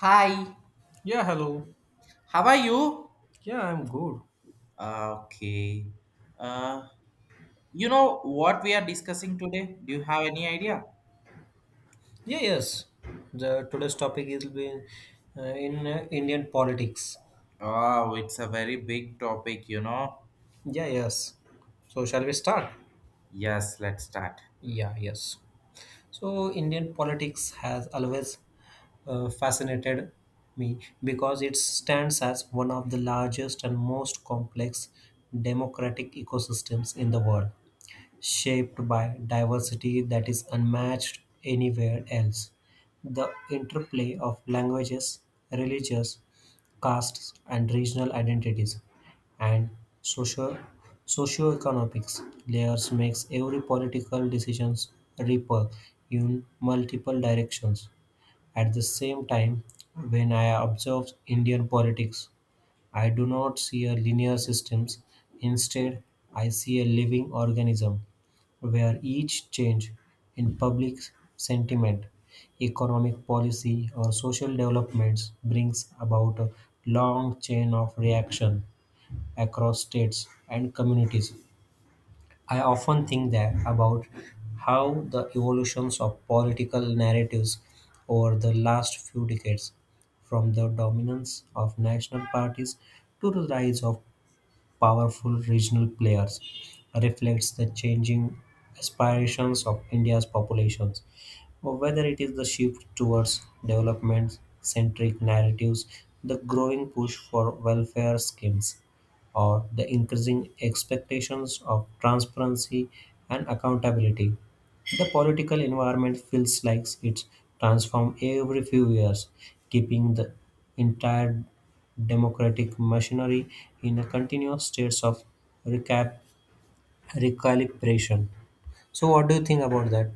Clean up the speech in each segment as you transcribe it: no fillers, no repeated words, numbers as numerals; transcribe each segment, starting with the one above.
Hi, Yeah, hello. how are you? Yeah, I'm good. Okay. Uh, you know what we are discussing today? Do you have any idea? Yeah, yes. The today's topic is be in Indian politics. Oh, it's a very big topic. Yeah, yes. So, shall we start? Yes, let's start. Yeah, yes. So Indian politics has always fascinated me because it stands as one of the largest and most complex democratic ecosystems in the world, shaped by diversity that is unmatched anywhere else. The interplay of languages, religious, castes, and regional identities, and socio- socioeconomics layers makes every political decisions ripple in multiple directions. At the same time, when I observe Indian politics, I do not see a linear systems. Instead, I see a living organism, where each change in public sentiment, economic policy, or social developments brings about a long chain of reaction across states and communities. I often think that about how the evolutions of political narratives over the last few decades, from the dominance of national parties to the rise of powerful regional players, reflects the changing aspirations of India's populations or whether it is the shift towards development centric narratives, the growing push for welfare schemes, or the increasing expectations of transparency and accountability. The political environment feels like it's transformed every few years, keeping the entire democratic machinery in a continuous state of recap- recalibration. So, what do you think about that?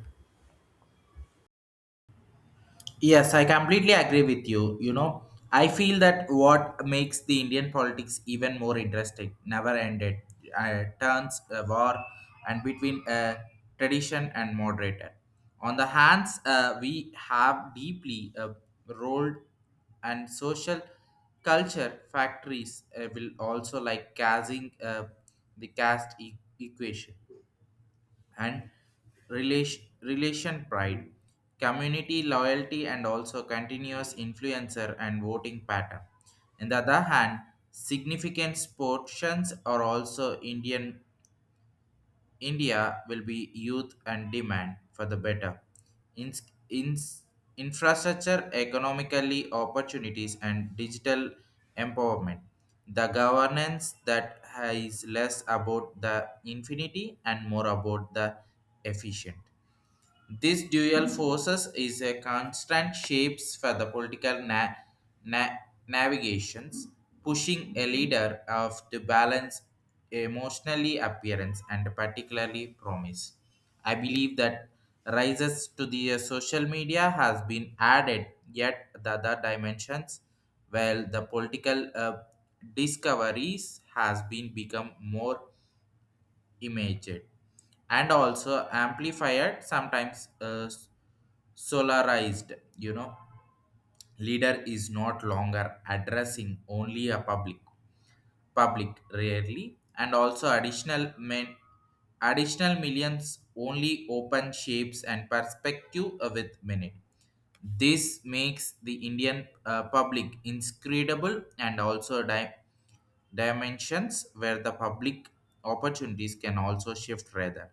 Yes, I completely agree with you. I feel that what makes the Indian politics even more interesting, never ended, turns a war and between tradition and moderator. On the hands, we have deeply rolled and social culture factories will also like casting the equation and relation pride, community loyalty, and also continuous influencer and voting pattern. On the other hand, significant portions are also Indian India will be youth and demand for the better. In, in, Infrastructure, economically opportunities, and digital empowerment. The governance that is less about the infinity and more about the efficient. This dual forces is a constant shapes for the na- navigations, pushing a leader of to balance emotionally appearance and particularly promise. I believe that rises to the social media has been added yet the other dimensions while the political discoveries has been become more imaged and also amplified sometimes solarized leader is not longer addressing only a public rarely and also additional millions only open shapes and perspective with minute. This makes the indian public inscrutable and also dimensions where the public opportunities can also shift rather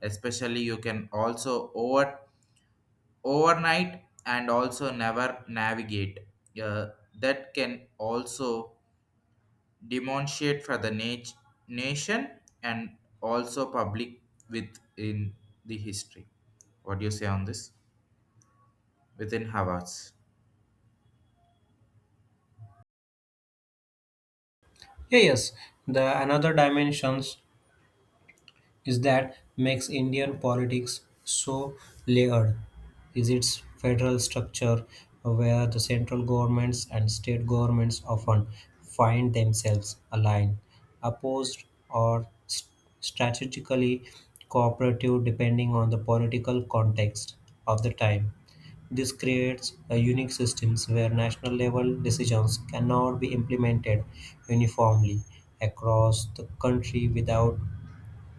especially you can also overnight and also never navigate. Uh, that can also demonstrate for the nation and also public within the history. What do you say on this within Havards? Yeah, yes, the another dimensions is that makes Indian politics so layered is its federal structure where the central governments and state governments often find themselves aligned, opposed, or strategically cooperative depending on the political context of the time. This creates a unique systems where national level decisions cannot be implemented uniformly across the country without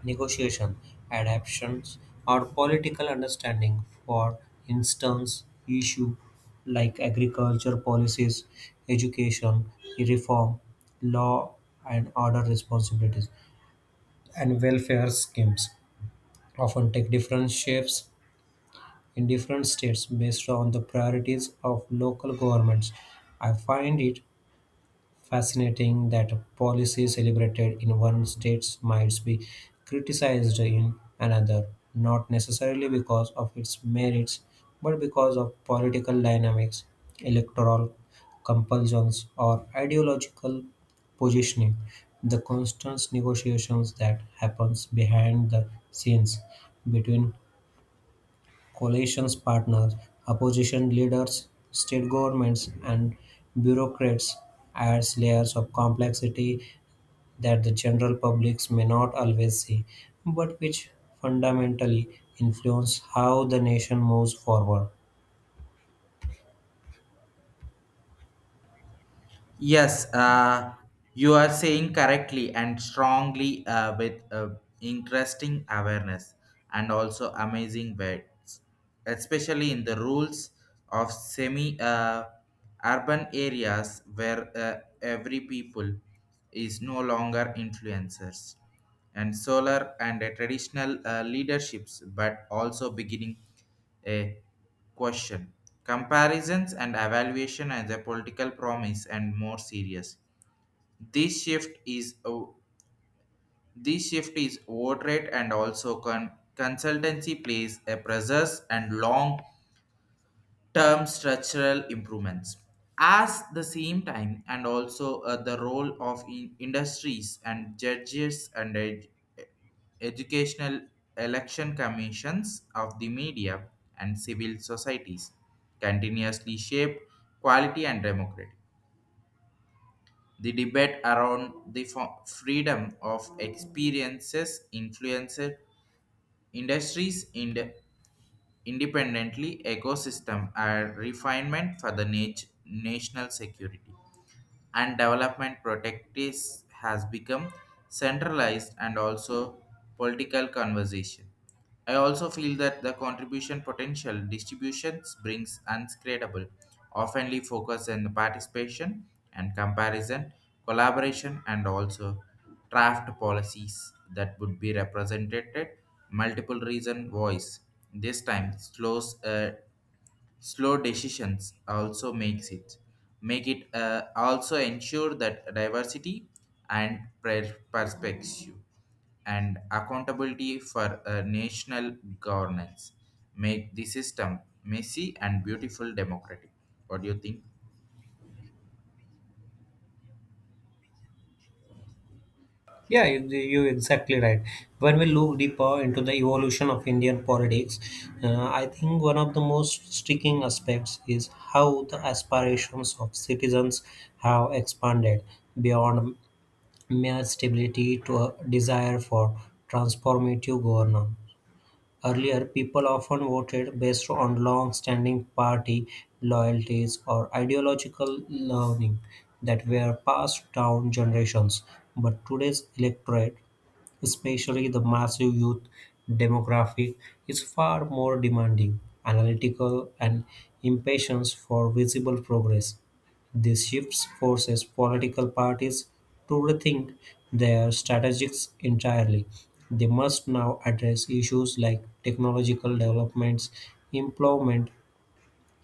negotiation, adaptations, or political understanding. For instance, issues like agriculture policies, education reform, law and order responsibilities, and welfare schemes often take different shapes in different states based on the priorities of local governments. I find it fascinating that a policy celebrated in one state might be criticized in another, not necessarily because of its merits, but because of political dynamics, electoral compulsions, or ideological positioning. The constant negotiations that happens behind the scenes between coalition's partners, opposition leaders, state governments, and bureaucrats adds layers of complexity that the general public may not always see, but which fundamentally influence how the nation moves forward. Yes, you are saying correctly and strongly with interesting awareness and also amazing words, especially in the rules of semi urban areas where every people is no longer influencers and solar and traditional leaderships but also beginning a question. Comparisons and evaluation as a political promise and more serious. This shift is this shift is vote rate and also consultancy plays a pressures and long term structural improvements as the same time and also the role of industries and judges and educational election commissions of the media and civil societies continuously shape quality and democracy. The debate around the freedom of experiences influences industries in independently ecosystem and refinement for the national security and development protectives has become centralized and also political conversation. I also feel that the contribution potential distributions brings unscratable, oftenly focus on the participation and comparison, collaboration, and also draft policies that would be represented multiple reason voice. This time slows Slow decisions also make it also ensure that diversity and perspective and accountability for national governance make the system messy and beautiful democratic. What do you think? Yeah, you exactly right. When we look deeper into the evolution of Indian politics, I think one of the most striking aspects is how the aspirations of citizens have expanded beyond mere stability to a desire for transformative governance. Earlier, people often voted based on long standing party loyalties or ideological learning that were passed down generations. But today's electorate, especially the massive youth demographic, is far more demanding, analytical, and impatience for visible progress. This shift forces political parties to rethink their strategies entirely. They must now address issues like technological developments, employment,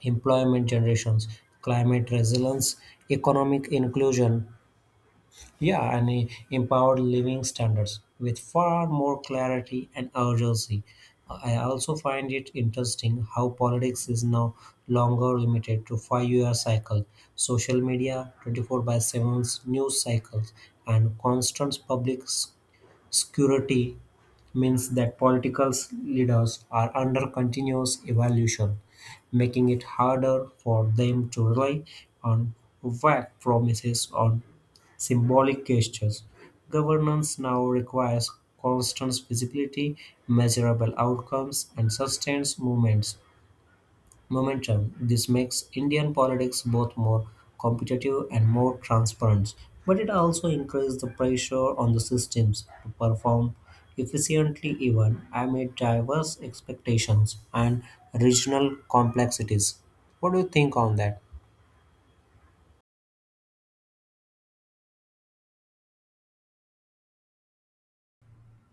employment generations, climate resilience, economic inclusion, yeah, and empowered living standards with far more clarity and urgency. I also find it interesting how politics is now longer limited to five-year cycle, social media 24 by 7 news cycles, and constant security means that political leaders are under continuous evaluation, making it harder for them to rely on vague promises or symbolic gestures. Governance now requires constant visibility, measurable outcomes, and sustained momentum. This makes Indian politics both more competitive and more transparent, but it also increases the pressure on the systems to perform efficiently even amid diverse expectations and regional complexities. What do you think on that?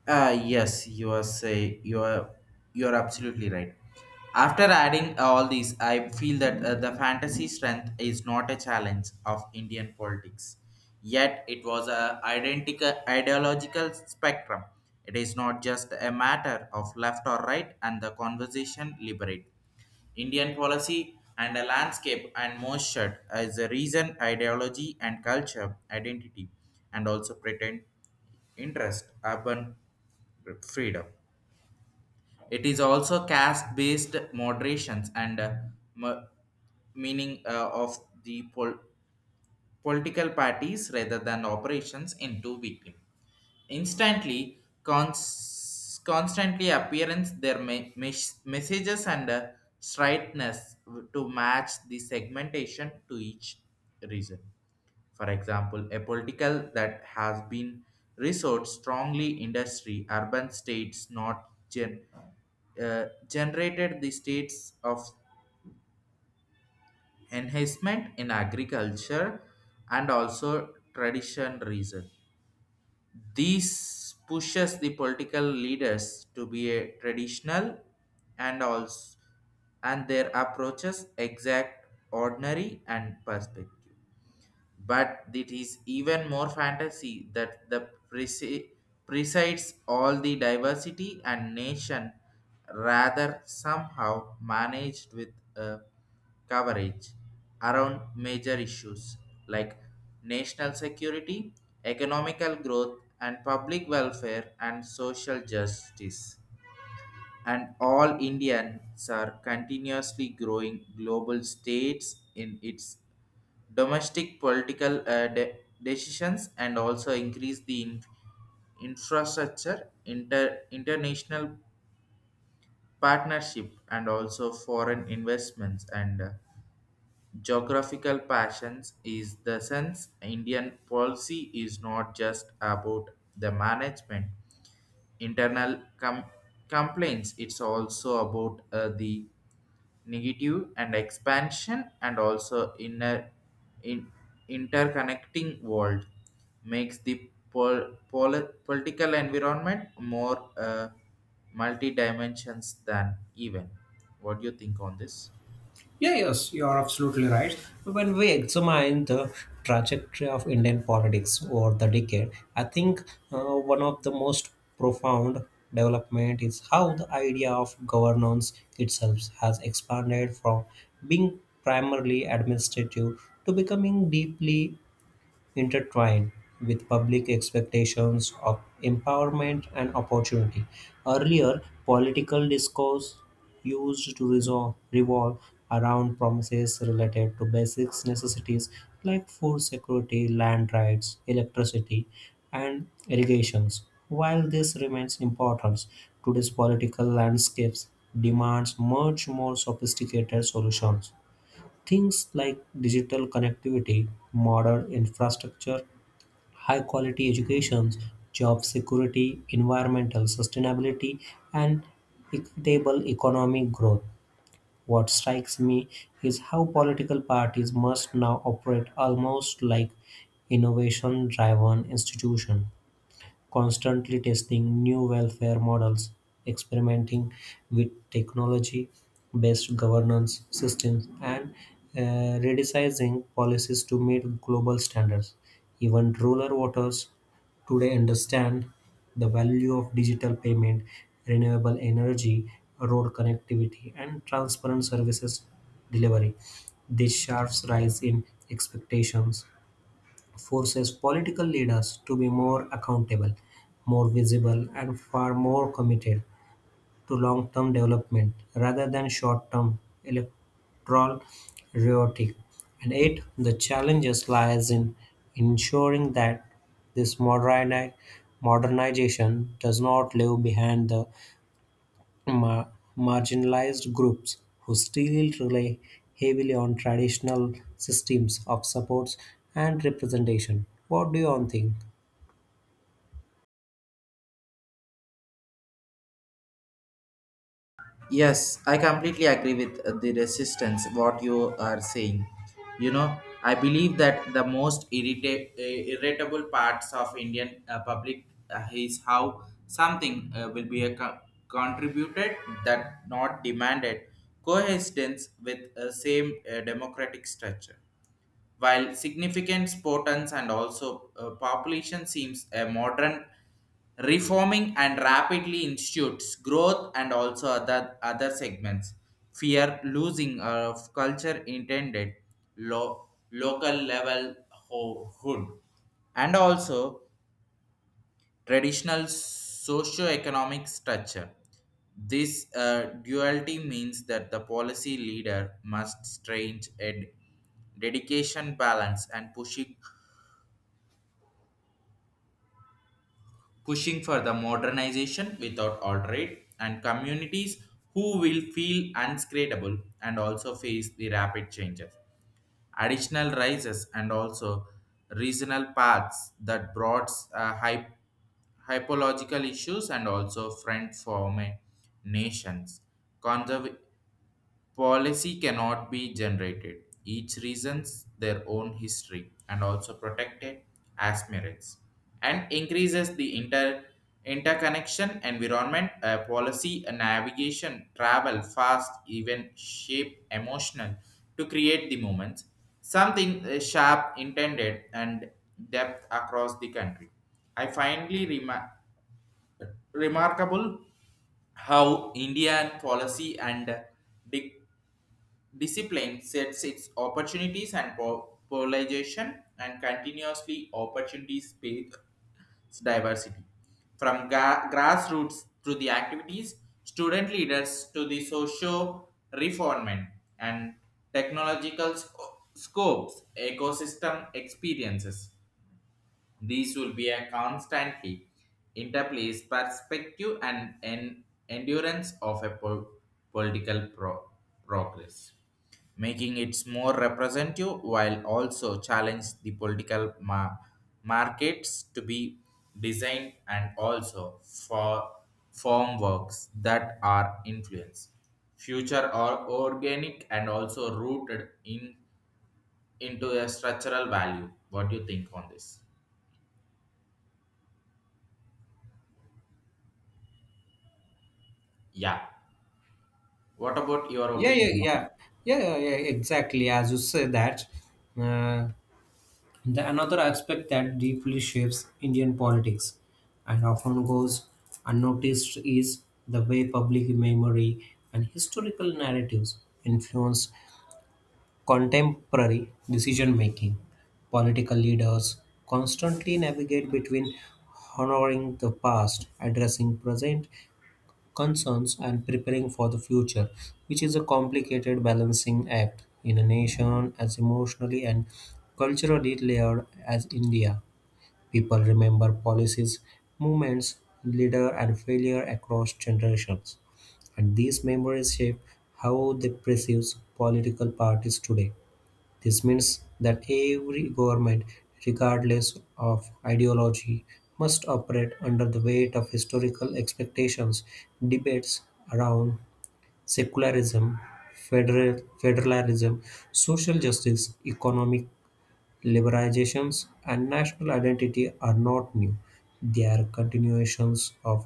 Yes, you are absolutely right. After adding all these, I feel that the fantasy strength is not a challenge of Indian politics. Yet it was a identical ideological spectrum. It is not just a matter of left or right, and the conversation liberate. Indian policy and a landscape and moisture as a reason, ideology and culture, identity, and also pretend interest, urban freedom. It is also caste-based moderations and m- meaning of the political parties rather than operations into victim. Instantly, constantly appearance their messages and straightness to match the segmentation to each region. For example, a political that has been resourced strongly industry, urban states not generated the states of enhancement in agriculture and also tradition reason. This pushes the political leaders to be a traditional and also and their approaches exact ordinary and perspective, but it is even more fantasy that the presi- presides all the diversity and nation rather somehow managed with a coverage around major issues like national security, economical growth, and public welfare and social justice. And all Indians are continuously growing global states in its domestic political decisions and also increase the infrastructure, international partnership, and also foreign investments and geographical passions. Is the sense Indian policy is not just about the management internal complaints. It's also about the negative and expansion and also inner in interconnecting world makes the political environment more multi dimensions than even. What do you think on this? Yeah, yes, you are absolutely right. When we examine the trajectory of Indian politics over the decade, I think uh, one of the most profound development is how the idea of governance itself has expanded from being primarily administrative to becoming deeply intertwined with public expectations of empowerment and opportunity. Earlier, political discourse used to revolve around promises related to basic necessities like food security, land rights, electricity, and irrigations. While this remains important, today's political landscapes demands much more sophisticated solutions. Things like digital connectivity, modern infrastructure, high quality education, job security, environmental sustainability, and equitable economic growth. What strikes me is how political parties must now operate almost like innovation driven institutions, constantly testing new welfare models, experimenting with technology based governance systems, and redesigning policies to meet global standards. Even rural voters today understand the value of digital payment, renewable energy, road connectivity, and transparent services delivery. This sharp rise in expectations forces political leaders to be more accountable, more visible, and far more committed to long term development rather than short term electoral rhetoric. And eight, the challenges lies in ensuring that this modernization does not leave behind the ma- marginalized groups who still rely heavily on traditional systems of supports and representation. What do you all think? Yes, I completely agree with the resistance what you are saying. I believe that the most irritable parts of Indian public is how something will be a contributed that not demanded coexistence with a same democratic structure while significant sportants and also population seems a modern reforming and rapidly institutes growth and also other segments fear losing of culture intended local level hood and also traditional socio-economic structure. This duality means that the policy leader must strange a dedication balance and pushing for the modernization without alterate and communities who will feel unscratable and also face the rapid changes. Additional rises and also regional paths that brought hypological issues and also friend form nations. Policy cannot be generated. Each reasons their own history and also protected as merits and increases the interconnection environment. A policy and navigation travel fast even shape emotional to create the moments something sharp intended and depth across the country. I finally remarkable how indian policy and dic- Discipline sets its opportunities and polarization and continuously opportunities space diversity. From grassroots to the activities, student leaders to the social reformment and technological scopes, ecosystem experiences. These will be a constantly interplays perspective and en endurance of a political progress, making it more representative while also challenge the political markets to be designed and also form works that are influenced future or organic and also rooted in into a structural value. What do you think on this? Yeah. What about your yeah yeah opinion? yeah yeah, exactly as you say that uh, the another aspect that deeply shapes Indian politics and often goes unnoticed is the way public memory and historical narratives influence contemporary decision-making. Political leaders constantly navigate between honoring the past, addressing present concerns, and preparing for the future, which is a complicated balancing act in a nation as emotionally and culturally layered as India. People remember policies, movements, leader, and failure across generations, and these memories shape how they perceive political parties today. This means that every government, regardless of ideology, must operate under the weight of historical expectations. Debates around secularism, federalism, social justice, economic liberalizations, and national identity are not new. They are continuations of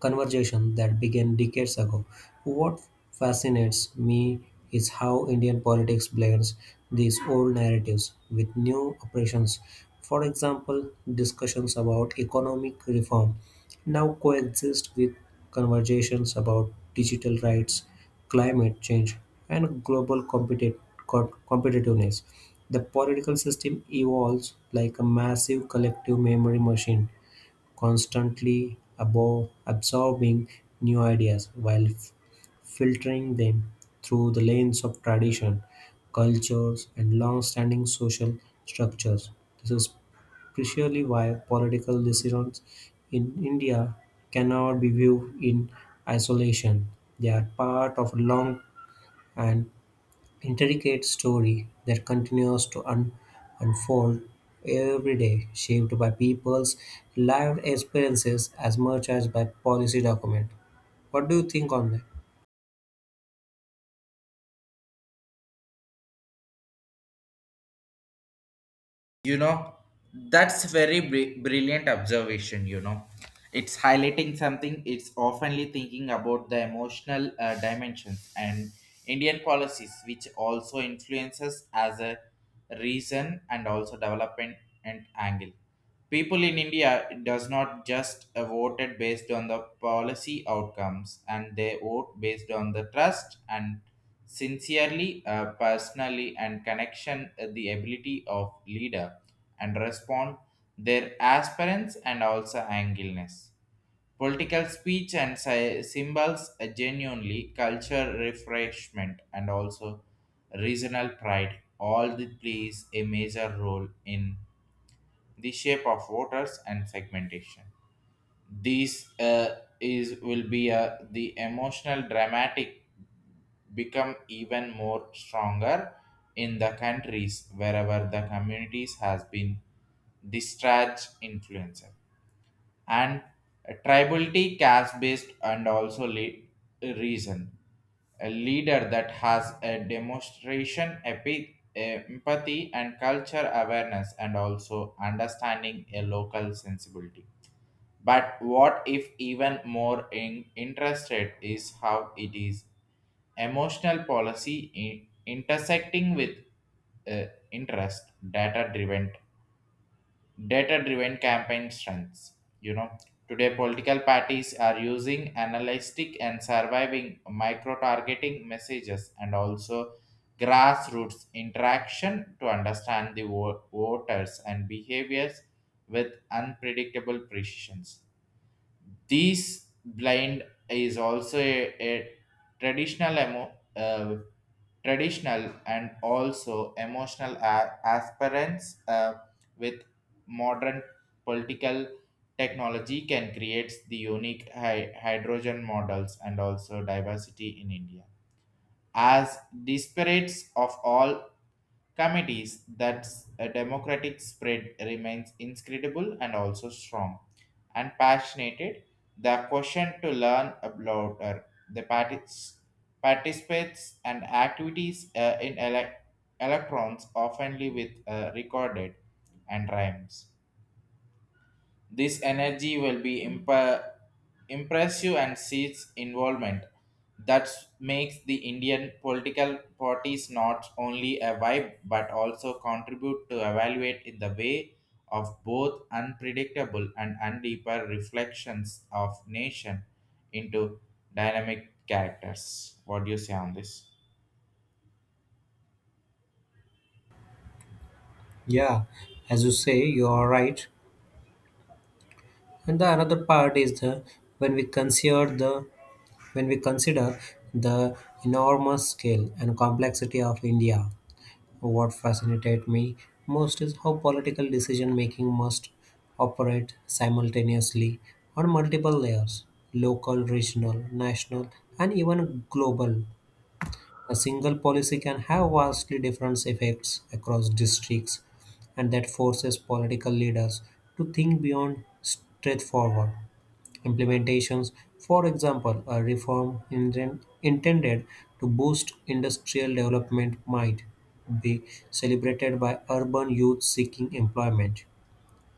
conversation that began decades ago. What fascinates me is how Indian politics blends these old narratives with new operations. For example, discussions about economic reform now coexist with conversations about digital rights, climate change, and global competitiveness. The political system evolves like a massive collective memory machine, constantly above absorbing new ideas while filtering them through the lens of tradition, cultures, and long-standing social structures. This is precisely why political decisions in India cannot be viewed in isolation. They are part of a long and intricate story that continues to unfold every day, shaped by people's lived experiences as much as by policy document. What do you think on that? you know that's very brilliant observation. It's highlighting something. It's oftenly thinking about the emotional dimensions and indian policies which also influences as a reason and also development and angle. People in India does not just voted based on the policy outcomes, and they vote based on the trust and sincerely, personally, and connection, the ability of leader and respond their aspirants and also angleness. Political speech and symbols genuinely culture refreshment and also regional pride all the plays a major role in the shape of waters and segmentation. These is will be the emotional dramatic become even more stronger in the countries wherever the communities has been discharged influencer and tribality caste based and also reason. A leader that has a demonstration empathy and culture awareness and also understanding a local sensibility. But what if even more interested is how it is emotional policy intersecting with uh, interest data driven campaign strengths you know Today political parties are using analytic and surviving micro targeting messages and also grassroots interaction to understand the voters and behaviors with unpredictable precisions. These blind is also a traditional traditional and also emotional aspirants with modern political technology can create the unique hydrogen models and also diversity in India. As disparates of all committees that a democratic spread remains inscrutable and also strong and passionate. The question to learn about the participates and activities in electrons oftenly with recorded and rhymes. This energy will be impressive and seeds involvement. That makes the Indian political parties not only a vibe but also contribute to evaluate in the way of both unpredictable and undeeper reflections of nation into dynamic characters. What do you say on this? Yeah, as you say, you are right. And the another part is the when we consider the when we consider the enormous scale and complexity of India. What fascinated me most is how political decision making must operate simultaneously on multiple layers: local, regional, national, and even global. A single policy can have vastly different effects across districts, and that forces political leaders to think beyond straightforward implementations. For example, a reform engine intended to boost industrial development might be celebrated by urban youth seeking employment,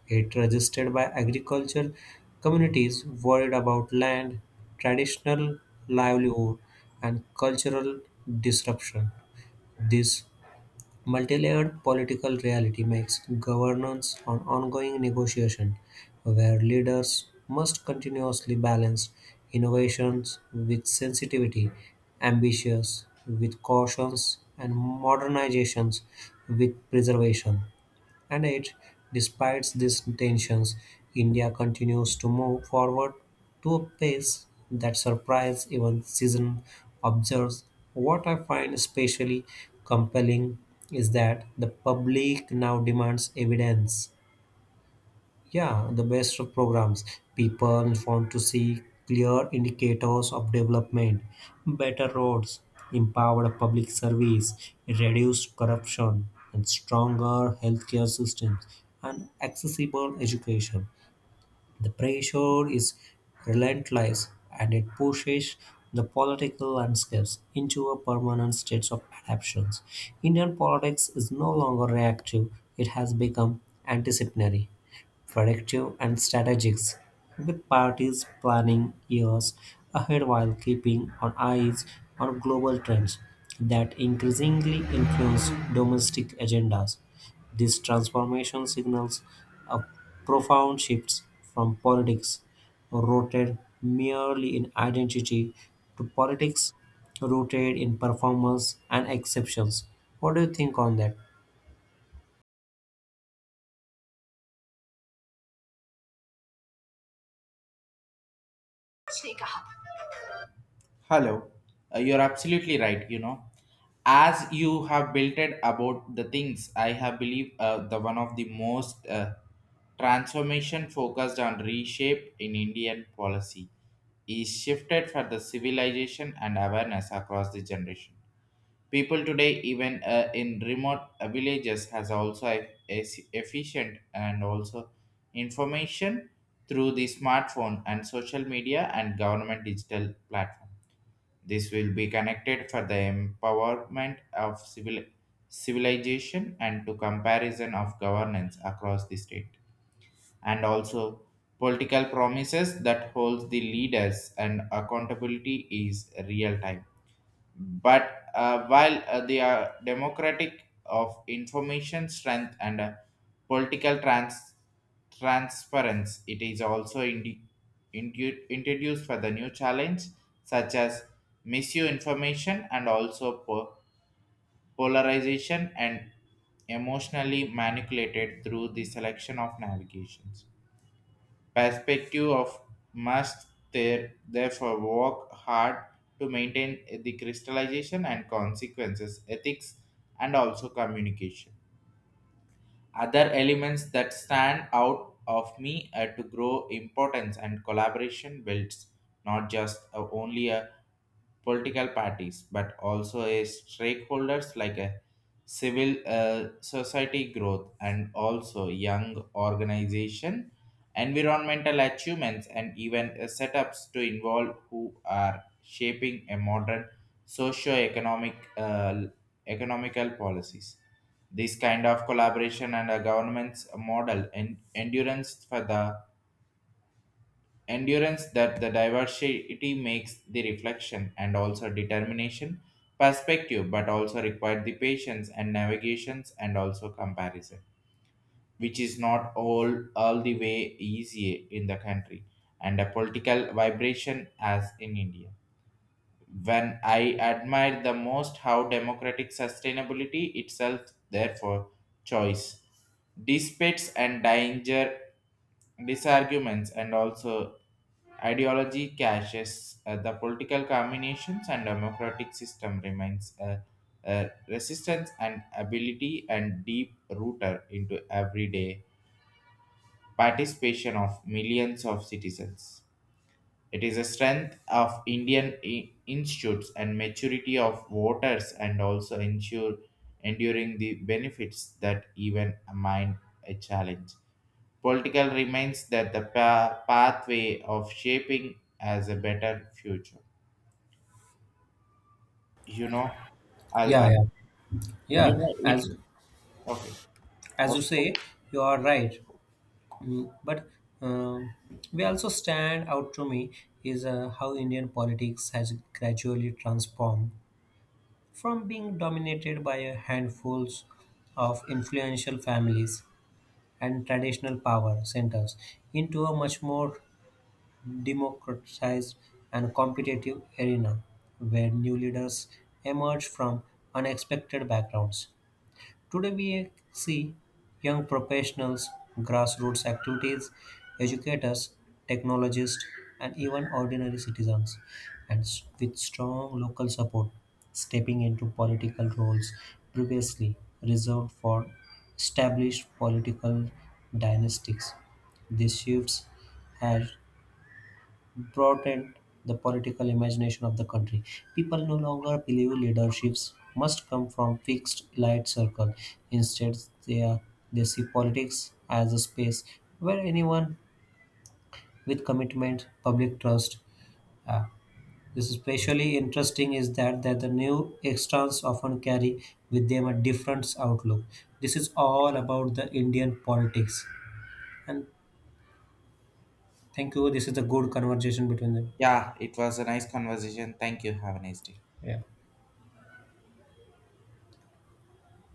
it resisted by agricultural communities worried about land, traditional livelihood, and cultural disruption. This multi-layered political reality makes governance an ongoing negotiation where leaders must continuously balance innovations with sensitivity, ambitions with cautions, and modernizations with preservation. And yet, despite these tensions, India continues to move forward to a pace that surprises even seasoned observers. What I find especially compelling is that the public now demands evidence, yeah, the best of programs. People want to see clear indicators of development, better roads, empowered public service, reduced corruption, and stronger healthcare systems, and accessible education. The pressure is relentless and it pushes the political landscapes into a permanent state of adaptations. Indian politics is no longer reactive, it has become anticipatory, predictive, and strategic, with parties planning years ahead while keeping an eye on global trends that increasingly influence domestic agendas. This transformation signals a profound shift from politics rooted merely in identity to politics rooted in performance and exceptions. What do you think on that? Hello. You're absolutely right. As you have builted about the things, I have believe the one of the most transformation focused on reshape in Indian policy is shifted for the civilization and awareness across the generation. People today, even in remote villages, has also efficient and also information through the smartphone and social media and government digital platform. This will be connected for the empowerment of civilization and to comparison of governance across the state and also political promises that holds the leaders and accountability is real time. But while they are democratic of information strength and political transparency, it is also introduced for the new challenge such as misinformation and also polarization and emotionally manipulated through the selection of navigations perspective of must therefore work hard to maintain the crystallization and consequences ethics and also communication. Other elements that stand out of me are to grow importance and collaboration builds not just only a political parties, but also as stakeholders like a civil society growth and also young organization, environmental achievements, and even setups to involve who are shaping a modern socio-economic economical policies. This kind of collaboration and a government's model and endurance for the endurance that the diversity makes the reflection and also determination perspective but also required the patience and navigations and also comparison, which is not all the way easy in the country and a political vibration as in india. When I admire the most how democratic sustainability itself, therefore, choice, disputes and danger, disarguments, and also ideology clashes, the political combinations and democratic system remains a resistance and ability and deep rooted into everyday participation of millions of citizens. It is a strength of Indian institutes and maturity of voters, and also ensure enduring the benefits that even mind a challenge. Political remains that the pathway of shaping as a better future. You know, I'll, Yeah, I'll yeah, you yeah. know it. As Okay. as you Okay. say, you are right. But um, we also stand out to me is how Indian politics has gradually transformed from being dominated by a handfuls of influential families and traditional power centers into a much more democratized and competitive arena where new leaders emerge from unexpected backgrounds. Today, we see young professionals, grassroots activities, educators, technologists, and even ordinary citizens, and with strong local support, stepping into political roles previously reserved for established political dynasties. These shifts have broadened the political imagination of the country. People no longer believe leaderships must come from fixed elite circle. Instead, they, are, they see politics as a space where anyone with commitment, public trust. Uh, this is especially interesting is that the new extras often carry with them a different outlook. This is all about the Indian politics. And thank you. This is a good conversation between them. Yeah, it was a nice conversation. Thank you. Have a nice day. Yeah.